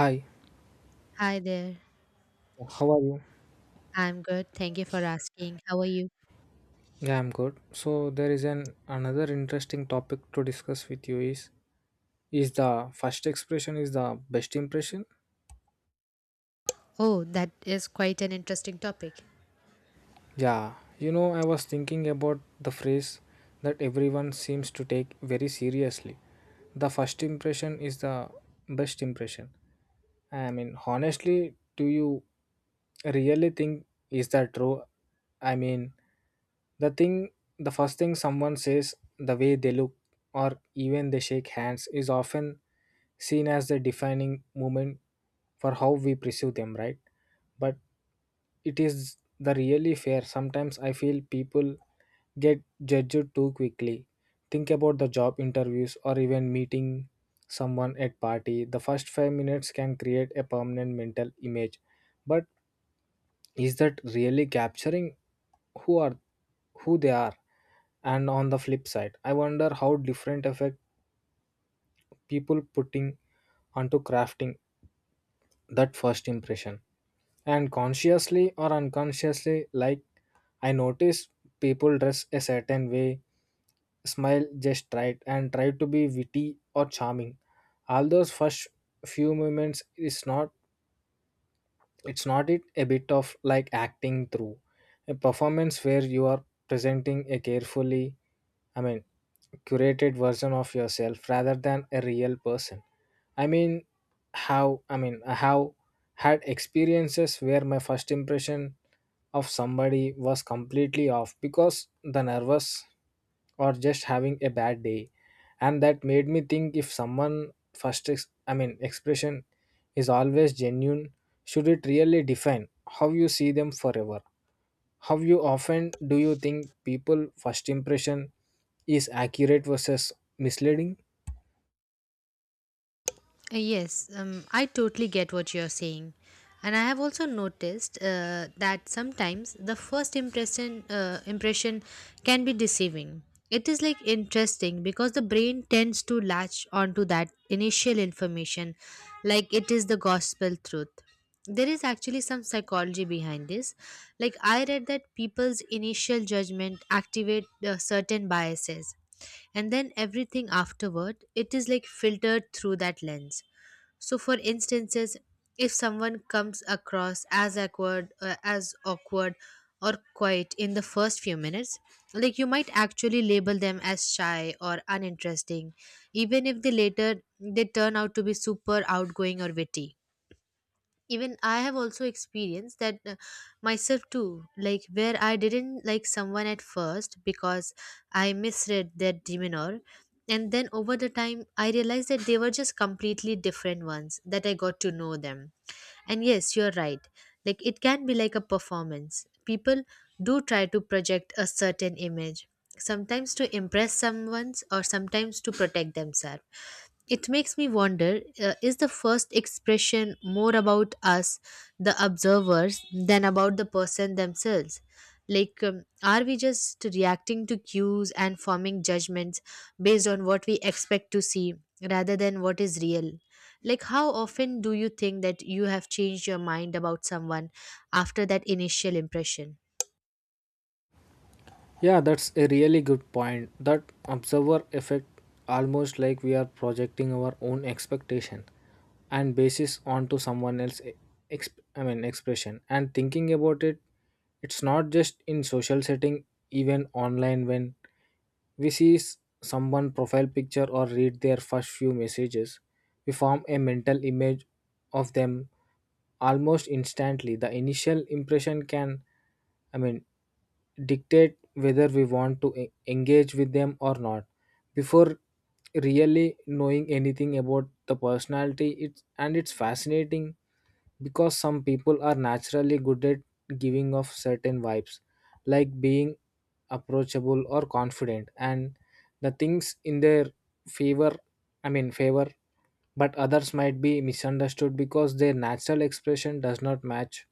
Hi, Hi there. how are you? I'm good. Thank you for asking. How are you? Yeah, I'm good. So there is an another interesting topic to discuss with you is the first expression is the best impression? Oh, that is quite an interesting topic. Yeah, I was thinking about the phrase that everyone seems to take very seriously. The first impression is the best impression. I mean, honestly, do you really think is that true? I mean, the thing, the first thing someone says, the way they look, or even they shake hands, is often seen as the defining moment for how we perceive them, right? But it is the really fair. Sometimes I feel people get judged too quickly. Think about the job interviews or even meeting someone at party. The first 5 minutes can create a permanent mental image. But is that really capturing who are who they are? And on the flip side, I wonder how different effect people putting onto crafting that first impression. And consciously or unconsciously, like I notice people dress a certain way, smile just right, and try to be witty or charming. All those first few moments is not it's not it a bit of like acting through a performance where you are presenting a carefully, I mean, curated version of yourself rather than a real person. I mean, how, I mean, I have had experiences where my first impression of somebody was completely off because the nervous or just having a bad day, and that made me think if someone first expression is always genuine. Should it really define how you see them forever? How you often do you think people first impression is accurate versus misleading? Yes, I totally get what you're saying. And I have also noticed that sometimes the first impression can be deceiving. It is like interesting because the brain tends to latch onto that initial information, like it is the gospel truth. There is actually some psychology behind this, like I read that people's initial judgment activate certain biases, and then everything afterward it is like filtered through that lens. So for instances, if someone comes across as awkward or quiet in the first few minutes, like you might actually label them as shy or uninteresting, even if they turn out to be super outgoing or witty. Even I have also experienced that myself too, like where I didn't like someone at first because I misread their demeanor, and then over the time I realized that they were just completely different ones that I got to know them. And yes, you're right, like it can be like a performance. People do try to project a certain image, sometimes to impress someone or sometimes to protect themselves. It makes me wonder, is the first expression more about us, the observers, than about the person themselves? Like, are we just reacting to cues and forming judgments based on what we expect to see rather than what is real? Like, how often do you think that you have changed your mind about someone after that initial impression? Yeah, that's a really good point. That observer effect, almost like we are projecting our own expectation and basis onto someone else expression. And thinking about it, it's not just in social setting. Even online, when we see someone profile picture or read their first few messages, we form a mental image of them almost instantly. The initial impression can, I mean, dictate whether we want to engage with them or not, before really knowing anything about the personality. It's fascinating because some people are naturally good at giving off certain vibes, like being approachable or confident, and the things in their favor i mean favor. But others might be misunderstood because their natural expression does not match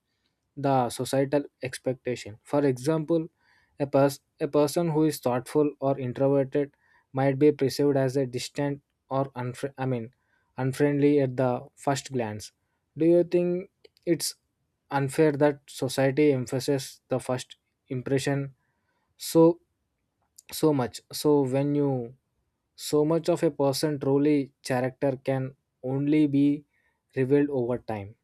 the societal expectation. For example, a person who is thoughtful or introverted might be perceived as a distant or unfriendly at the first glance. Do you think it's unfair that society emphasizes the first impression so so much? So when you so much of a person truly character can only be revealed over time.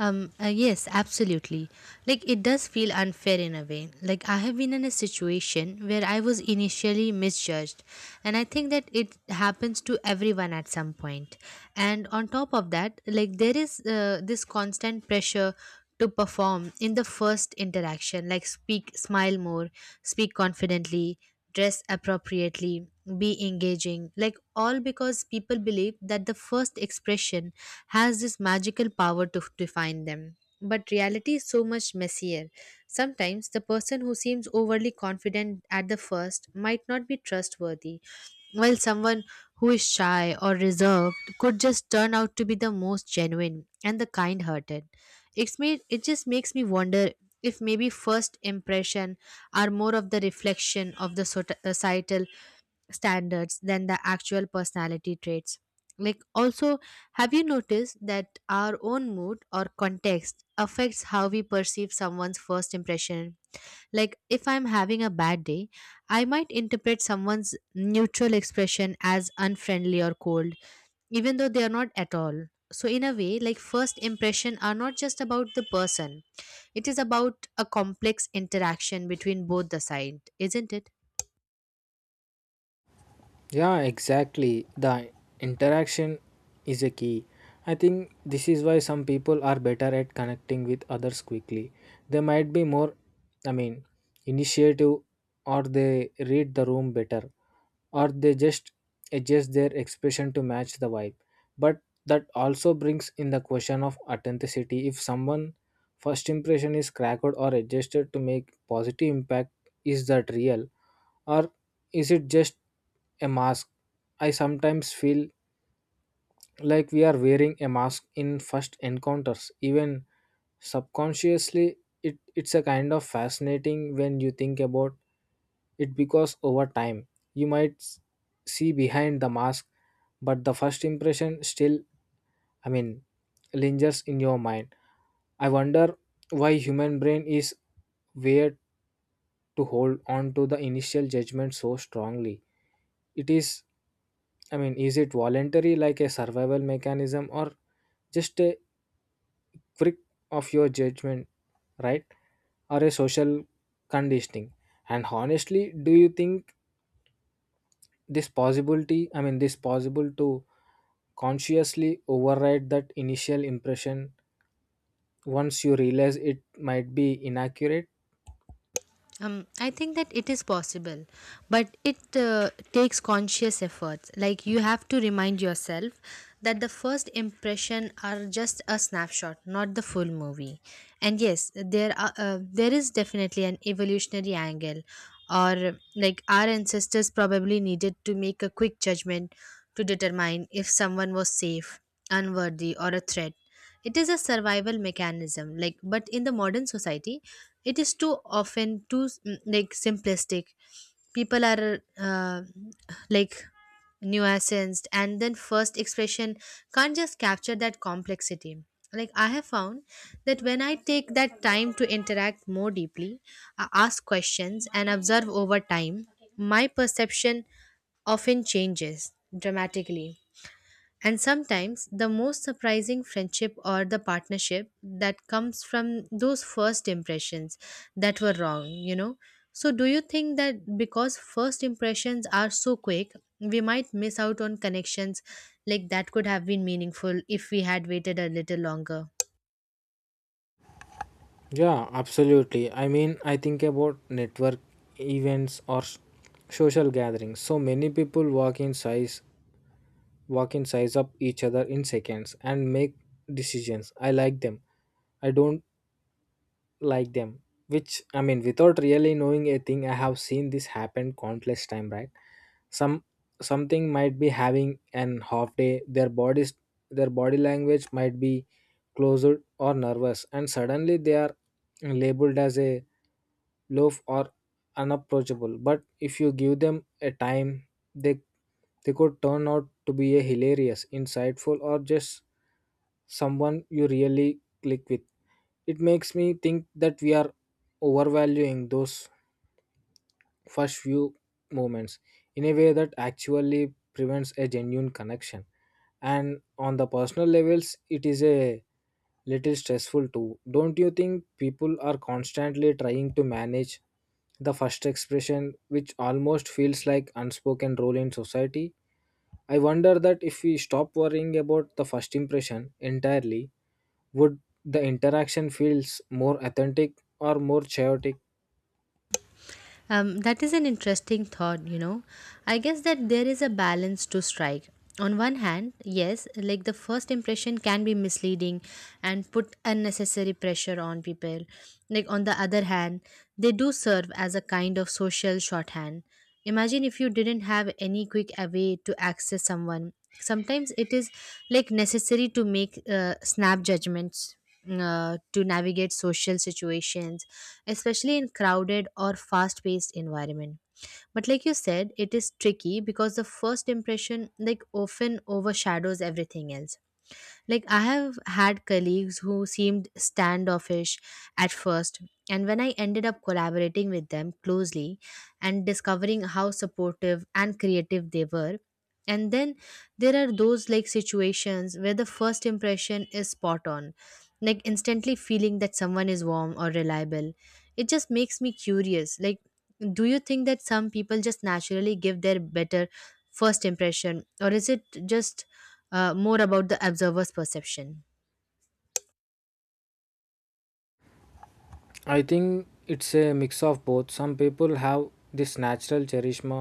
Yes, absolutely. Like it does feel unfair in a way. Like I have been in a situation where I was initially misjudged, and I think that it happens to everyone at some point. And on top of that, like there is this constant pressure to perform in the first interaction, like speak, smile more, speak confidently, dress appropriately, be engaging, like all because people believe that the first expression has this magical power to define them. But reality is so much messier. Sometimes the person who seems overly confident at the first might not be trustworthy, while someone who is shy or reserved could just turn out to be the most genuine and the kind hearted. It just makes me wonder if maybe first impression are more of the reflection of the societal standards than the actual personality traits. Like also, have you noticed that our own mood or context affects how we perceive someone's first impression? Like if I'm having a bad day, I might interpret someone's neutral expression as unfriendly or cold, even though they are not at all. So, in a way, like first impression are not just about the person, it is about a complex interaction between both the side, isn't it? Yeah, exactly. The interaction is a key. I think this is why some people are better at connecting with others quickly. They might be more, I mean, initiative, or they read the room better, or they just adjust their expression to match the vibe. But that also brings in the question of authenticity. If someone first impression is cracked or adjusted to make positive impact, is that real, or is it just a mask? I sometimes feel like we are wearing a mask in first encounters, even subconsciously. It's a kind of fascinating when you think about it, because over time you might see behind the mask, but the first impression still, I mean, lingers in your mind. I wonder why human brain is weird to hold on to the initial judgment so strongly. It is, I mean, is it voluntary, like a survival mechanism, or just a quick of your judgment, right? Or a social conditioning? And honestly, do you think this possibility, I mean, this possible to consciously override that initial impression once you realize it might be inaccurate? I think that it is possible, but it takes conscious efforts. Like you have to remind yourself that the first impression are just a snapshot, not the full movie. And yes, there is definitely an evolutionary angle, or like our ancestors probably needed to make a quick judgment to determine if someone was safe, unworthy, or a threat. It is a survival mechanism, like but in the modern society, it is too often too like simplistic. People are like nuanced, and then first expression can't just capture that complexity. Like I have found that when I take that time to interact more deeply, I ask questions and observe over time, my perception often changes dramatically. And sometimes the most surprising friendship or the partnership that comes from those first impressions that were wrong, you know. So, do you think that because first impressions are so quick, we might miss out on connections like that could have been meaningful if we had waited a little longer? Yeah, absolutely. I mean, I think about network events or social gatherings. So many people walk in size up each other in seconds and make decisions. I like them, I don't like them, which, I mean, without really knowing a thing. I have seen this happen countless time, right? some Something might be having an half day. Their body language might be closed or nervous, and suddenly they are labeled as a loaf or unapproachable. But if you give them a time, they they could turn out to be a hilarious insightful, or just someone you really click with. It makes me think that we are overvaluing those first few moments in a way that actually prevents a genuine connection. And on the personal levels, it is a little stressful too. Don't you think people are constantly trying to manage the first expression, which almost feels like unspoken role in society? I wonder that if we stop worrying about the first impression entirely, would the interaction feels more authentic or more chaotic? That is an interesting thought, you know. I guess that there is a balance to strike. On one hand, yes, like the first impression can be misleading and put unnecessary pressure on people. Like, on the other hand, they do serve as a kind of social shorthand. Imagine if you didn't have any quick way to access someone. Sometimes it is like necessary to make snap judgments to navigate social situations, especially in crowded or fast paced environment. But like you said, it is tricky because the first impression like often overshadows everything else. Like I have had colleagues who seemed standoffish at first, and when I ended up collaborating with them closely and discovering how supportive and creative they were, and then there are those like situations where the first impression is spot on, like instantly feeling that someone is warm or reliable. It just makes me curious. Like, do you think that some people just naturally give their better first impression, or is it just more about the observer's perception? I think it's a mix of both. Some people have this natural charisma,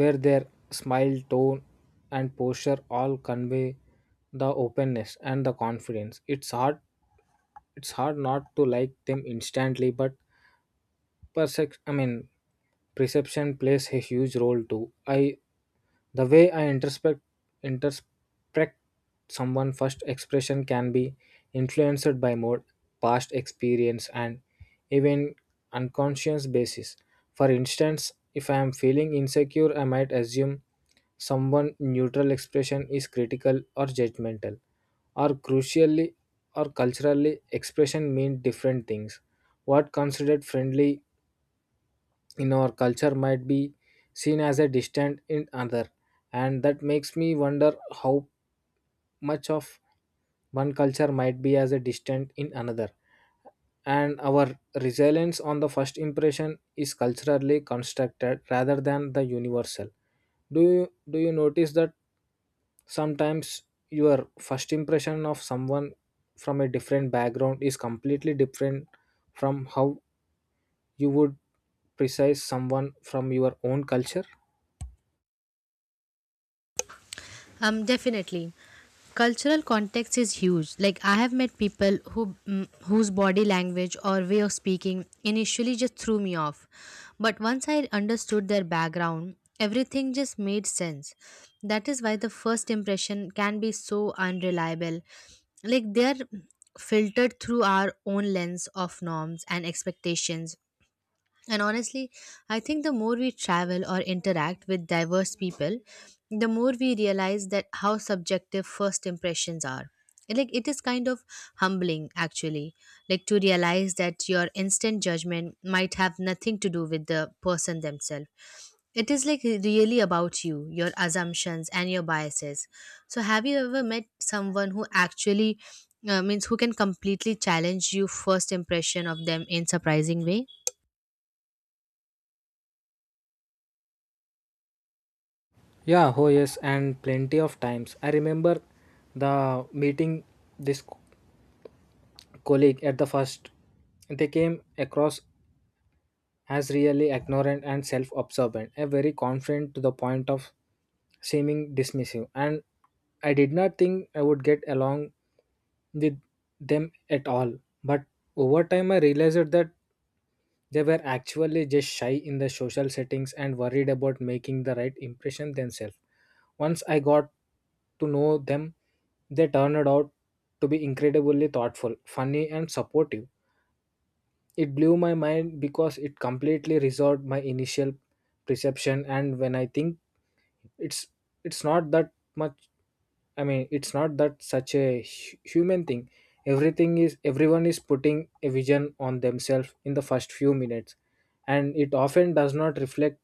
where their smile tone and posture all convey the openness and the confidence. It's hard not to like them instantly. But percep- i mean perception plays a huge role too. I The way I introspect someone first expression can be influenced by more past experience and even unconscious basis. For instance, if I am feeling insecure, I might assume someone neutral expression is critical or judgmental, or crucially, or culturally expression mean different things. What considered friendly in our culture might be seen as a distant in another, and that makes me wonder how much of one culture might be as a distant in another, and our resilience on the first impression is culturally constructed rather than the universal. Do you do you notice that sometimes your first impression of someone from a different background is completely different from how you would precise someone from your own culture? Definitely. Cultural context is huge. Like I have met people who whose body language or way of speaking initially just threw me off, but once I understood their background, everything just made sense. That is why the first impression can be so unreliable. Like they are filtered through our own lens of norms and expectations. And honestly, I think the more we travel or interact with diverse people, the more we realize that how subjective first impressions are. Like it is kind of humbling actually, like to realize that your instant judgment might have nothing to do with the person themselves. It is like really about you, your assumptions and your biases. So have you ever met someone who actually means who can completely challenge your first impression of them in surprising way? Yeah, oh yes, and plenty of times. I remember the meeting this colleague at the first. They came across as really ignorant and self-absorbent, a very confident to the point of seeming dismissive. And I did not think I would get along with them at all. But over time, I realized that they were actually just shy in the social settings and worried about making the right impression themselves. Once I got to know them, they turned out to be incredibly thoughtful, funny, and supportive. It blew my mind because it completely resolved my initial perception. And when I think, it's it's not that much, I mean, it's not that such a human thing. Everything is Everyone is putting a vision on themselves in the first few minutes, and it often does not reflect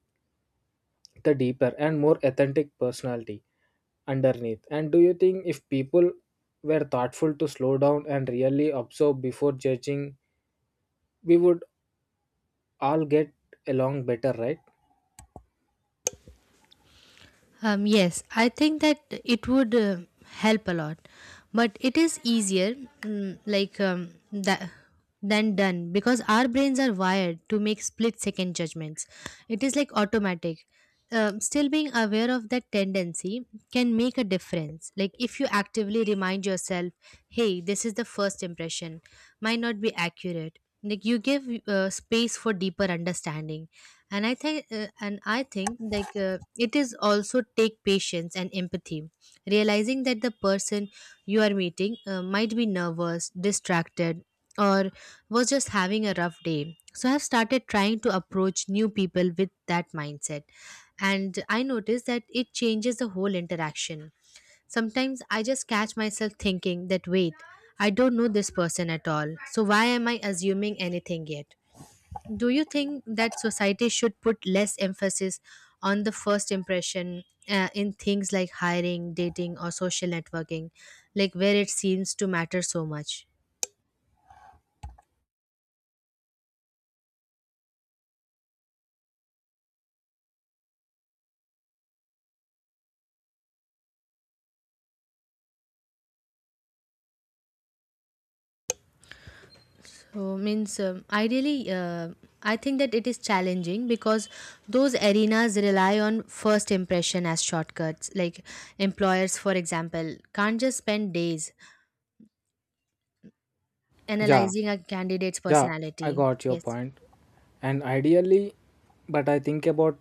the deeper and more authentic personality underneath. And do you think if people were thoughtful to slow down and really observe before judging, we would all get along better, right? Yes, I think that it would help a lot, but it is easier, that than done because our brains are wired to make split second judgments. It is like automatic. Still being aware of that tendency can make a difference. Like if you actively remind yourself, "Hey, this is the first impression," might not be accurate. Like you give space for deeper understanding. And I think and I think like it is also take patience and empathy, realizing that the person you are meeting might be nervous, distracted, or was just having a rough day. So I have started trying to approach new people with that mindset, and I noticed that it changes the whole interaction. Sometimes I just catch myself thinking that wait, I don't know this person at all, so why am I assuming anything yet? Do you think that society should put less emphasis on the first impression in things like hiring, dating, or social networking, like where it seems to matter so much? So means ideally, I think that it is challenging because those arenas rely on first impression as shortcuts. Like employers, for example, can't just spend days Yeah, analyzing a candidate's yeah, I personality. got your Yes. point. And ideally, but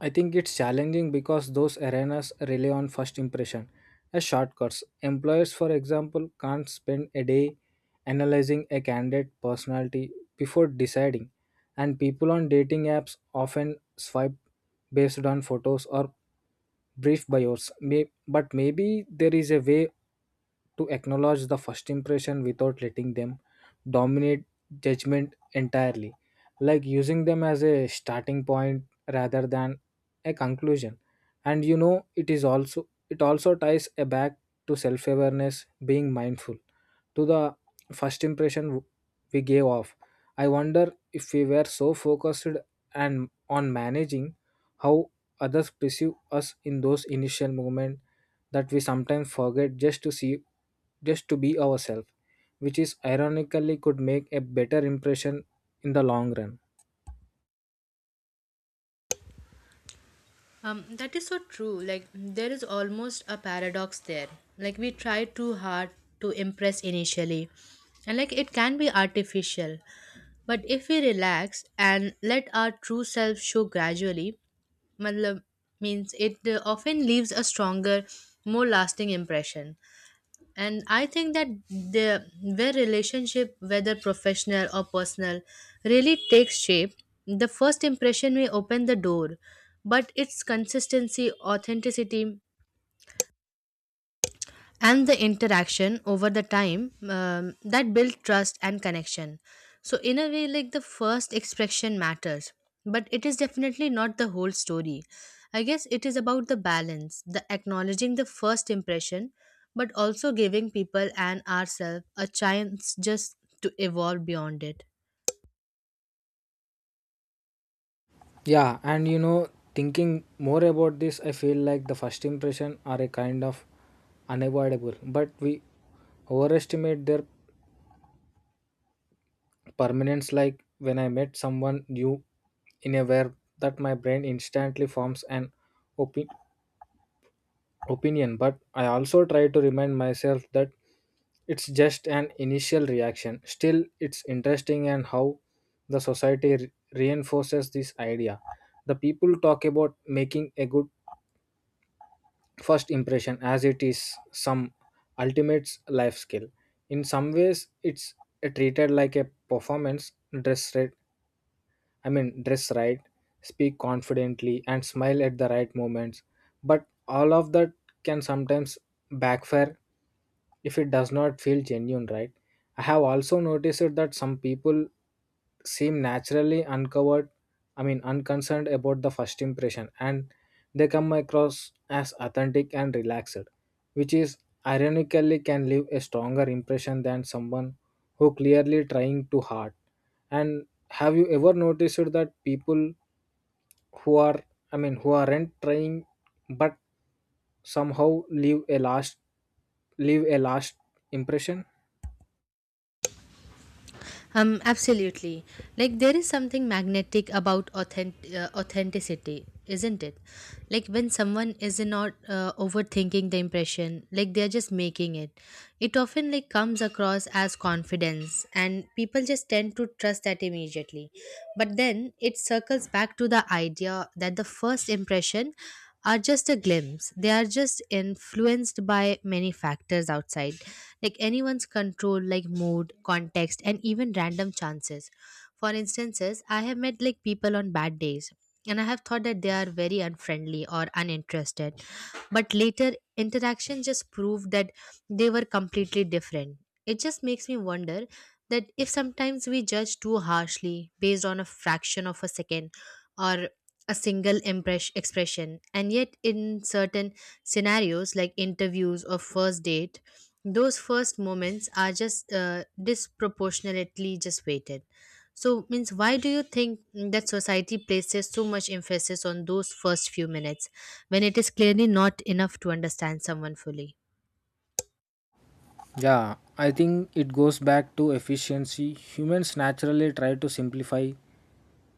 I think it's challenging because those arenas rely on first impression as shortcuts. Employers, for example, can't spend a day analyzing a candidate personality before deciding, and people on dating apps often swipe based on photos or brief bios. Maybe there is a way to acknowledge the first impression without letting them dominate judgment entirely, like using them as a starting point rather than a conclusion. And it also ties a back to self awareness, being mindful to the first impression we gave off. I wonder if we were so focused and on managing how others perceive us in those initial moments, that we sometimes forget just to be ourselves, which is ironically could make a better impression in the long run. That is so true. Like, there is almost a paradox there. Like, we try too hard to impress initially, and like, it can be artificial. But if we relax and let our true self show gradually, matlab, means it often leaves a stronger, more lasting impression. And I think that the where relationship, whether professional or personal, really takes shape. The first impression may open the door, but its consistency, authenticity, and the interaction over the time, that build trust and connection. So in a way, like the first expression matters, but it is definitely not the whole story. I guess it is about the balance, the acknowledging the first impression, but also giving people and ourselves a chance just to evolve beyond it. Yeah, and thinking more about this, I feel like the first impression are a kind of unavoidable, but we overestimate their permanence. Like when I met someone new in a way, that my brain instantly forms an opi- opinion. But I also try to remind myself that it's just an initial reaction. Still, it's interesting and how the society reinforces this idea. The people talk about making a good first impression as it is some ultimate life skill. In some ways it's treated like a performance. Dress I mean, dress right, speak confidently, and smile at the right moments. But all of that can sometimes backfire if it does not feel genuine, right? I have also noticed that some people seem naturally uncovered, unconcerned about the first impression, and they come across as authentic and relaxed, which is ironically can leave a stronger impression than someone who clearly trying too hard. And have you ever noticed that people who are who aren't trying but somehow leave a last impression? Absolutely. Like there is something magnetic about authenticity, isn't it? Like when someone is not overthinking the impression, like they're just making it. It often like comes across as confidence, and people just tend to trust that immediately. But then it circles back to the idea that the first impression are just a glimpse. They are just influenced by many factors outside, like anyone's control, like mood, context, and even random chances. For instances, I have met like people on bad days, and I have thought that they are very unfriendly or uninterested. But later, interaction just proved that they were completely different. It just makes me wonder that if sometimes we judge too harshly based on a fraction of a second or a single expression. And yet, in certain scenarios like interviews or first date, those first moments are just disproportionately just weighted. So, means why do you think that society places so much emphasis on those first few minutes when it is clearly not enough to understand someone fully? Yeah, I think it goes back to efficiency. Humans naturally try to simplify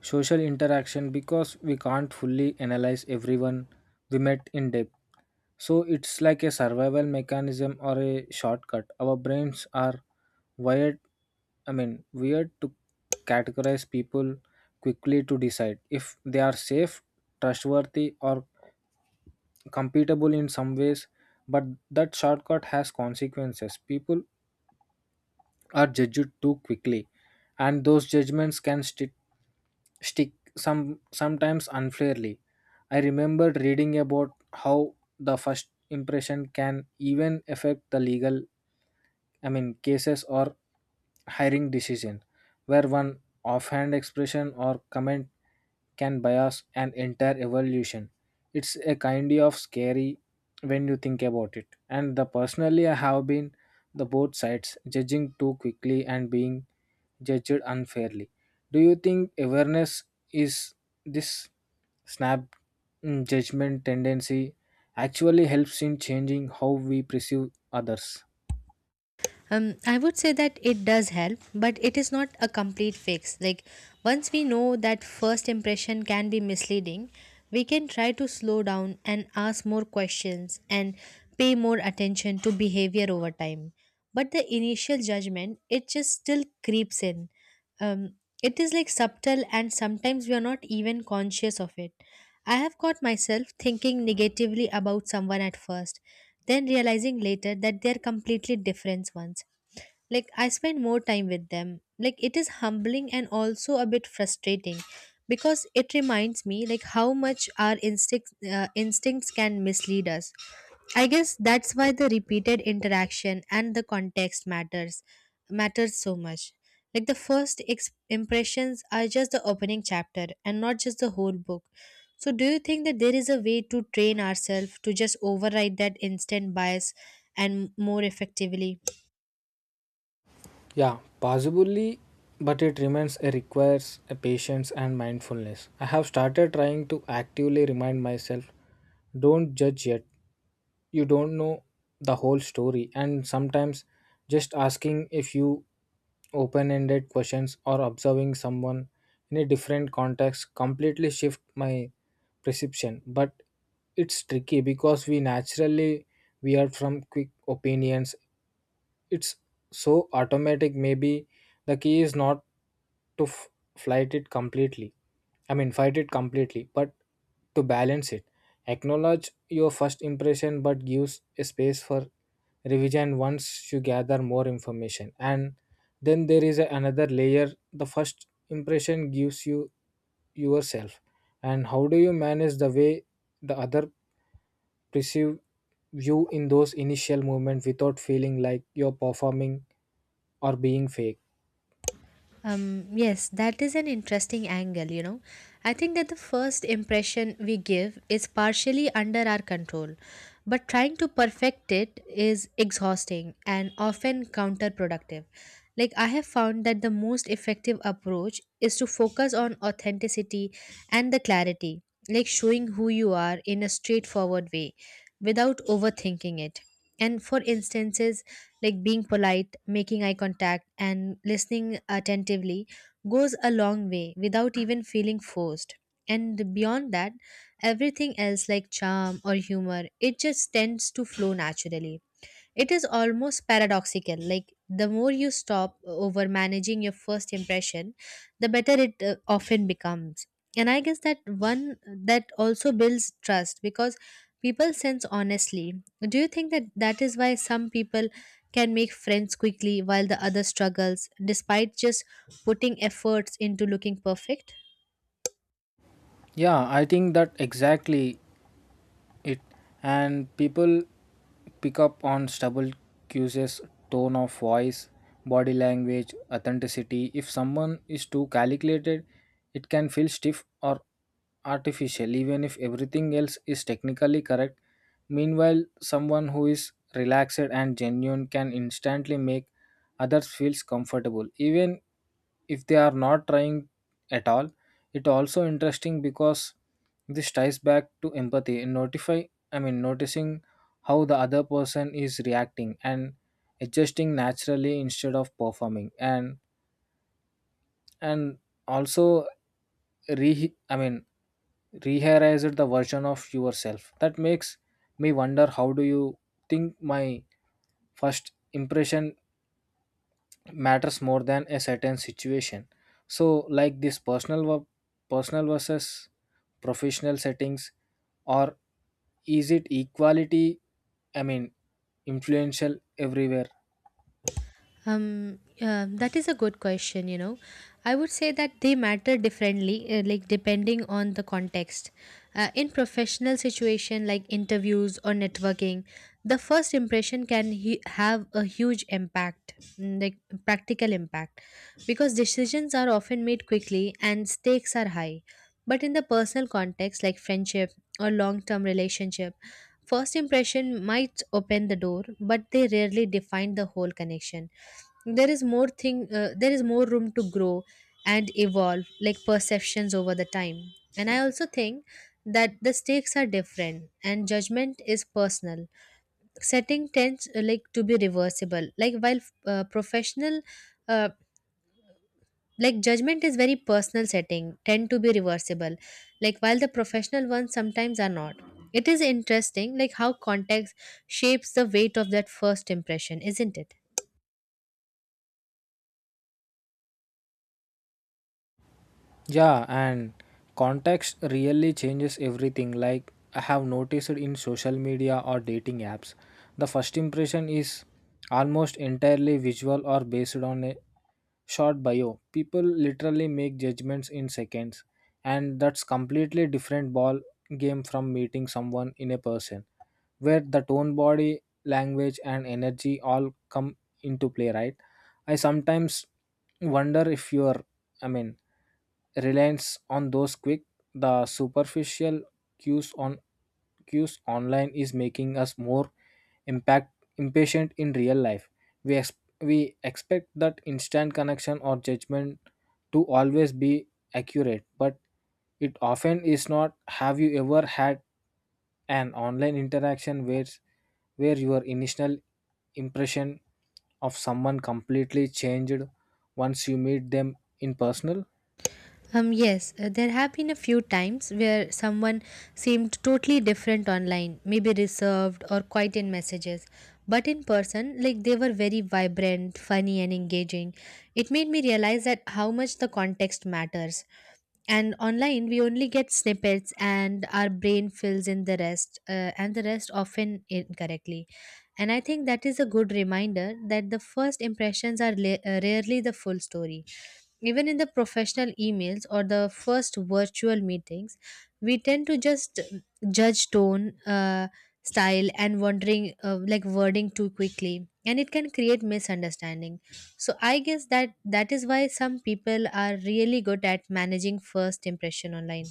social interaction because we can't fully analyze everyone we met in depth. So it's like a survival mechanism or a shortcut. Our brains are wired weird to categorize people quickly, to decide if they are safe, trustworthy, or compatible in some ways, but that shortcut has consequences. People are judged too quickly, and those judgments can stick sometimes unfairly. I remember reading about how the first impression can even affect the cases or hiring decision, where one offhand expression or comment can bias an entire evolution. It's a kind of scary when you think about it. And the personally, I have been the both sides, judging too quickly and being judged unfairly. Do you think awareness is this snap judgment tendency actually helps in changing how we perceive others? I would say that it does help, but it is not a complete fix. Like, once we know that first impression can be misleading, we can try to slow down and ask more questions and pay more attention to behavior over time. But the initial judgment, it just still creeps in um, it is like subtle and sometimes we are not even conscious of it. I have caught myself thinking negatively about someone at first, then realizing later that they are completely different ones like I spend more time with them. Like it is humbling and also a bit frustrating because it reminds me like how much our instincts can mislead us. I guess that's why the repeated interaction and the context matters so much. Like the first impressions are just the opening chapter and not just the whole book. So, do you think that there is a way to train ourselves to just override that instant bias and more effectively? Yeah, possibly, but it remains a requires a patience and mindfulness. I have started trying to actively remind myself, don't judge yet. You don't know the whole story, and sometimes just asking if you open-ended questions or observing someone in a different context completely shift my perception. But it's tricky because we are from quick opinions. It's so automatic. Maybe the key is not to f- flight it completely I mean fight it completely, but to balance it. Acknowledge your first impression, but gives a space for revision once you gather more information. And then there is another layer: the first impression gives you yourself. And how do you manage the way the other perceive you in those initial moments without feeling like you're performing or being fake? Yes, that is an interesting angle, you know. I think that the first impression we give is partially under our control, but trying to perfect it is exhausting and often counterproductive. Like, I have found that the most effective approach is to focus on authenticity and the clarity, like showing who you are in a straightforward way without overthinking it. And for instances, like being polite, making eye contact, and listening attentively goes a long way without even feeling forced. And beyond that, everything else like charm or humor, it just tends to flow naturally. It is almost paradoxical. Like the more you stop over managing your first impression, the better it often becomes. And I guess that one that also builds trust because people sense honestly. Do you think that that is why some people can make friends quickly while the other struggles, despite just putting efforts into looking perfect? Yeah, I think that exactly it. And people pick up on stubble cues, tone of voice, body language, authenticity. If someone is too calculated, it can feel stiff or artificial, even if everything else is technically correct. Meanwhile, someone who is relaxed and genuine can instantly make others feel comfortable, even if they are not trying at all. It also interesting because this ties back to empathy. Noticing how the other person is reacting and adjusting naturally instead of performing, and also re I mean rehearized the version of yourself. That makes me wonder, how do you think my first impression matters more than a certain situation? So like this personal versus professional settings, or is it equality, i mean influential everywhere? That is a good question, you know. I would say that they matter differently, like depending on the context. In professional situation like interviews or networking, the first impression can hu have a huge impact, mm, like practical impact, because decisions are often made quickly and stakes are high. But in the personal context, like friendship or long-term relationship, first impression might open the door, but they rarely define the whole connection. There is more thing there is more room to grow and evolve like perceptions over the time. And I also think that the stakes are different and judgment is personal setting tends like to be reversible like while professional uh, like judgment is very personal setting tend to be reversible like while the professional ones sometimes are not. It is interesting like how context shapes the weight of that first impression, isn't it? Yeah, and context really changes everything. Like I have noticed in social media or dating apps, the first impression is almost entirely visual or based on a short bio. People literally make judgments in seconds, and that's completely different ball game from meeting someone in a person, where the tone, body language, and energy all come into play, right? I sometimes wonder if you're, I mean reliance on those quick the superficial cues on cues online is making us more impact impatient in real life. we ex- we expect that instant connection or judgment to always be accurate, but it often is not. Have you ever had an online interaction where your initial impression of someone completely changed once you meet them in personal? Yes, there have been a few times where someone seemed totally different online, maybe reserved or quiet in messages. But in person, like they were very vibrant, funny, and engaging. It made me realize that how much the context matters, and online we only get snippets and our brain fills in the rest and the rest often incorrectly. And I think that is a good reminder that the first impressions are rarely the full story, even in the professional emails or the first virtual meetings. We tend to just judge tone style and wondering like wording too quickly and it can create misunderstanding. So I guess that that is why some people are really good at managing first impression online.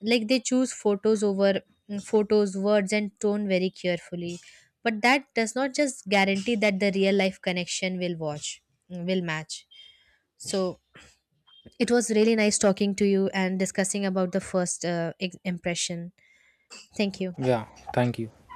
Like they choose photos, words and tone very carefully. But that does not just guarantee that the real life connection will match. So it was really nice talking to you and discussing about the first impression. Thank you. Yeah, thank you.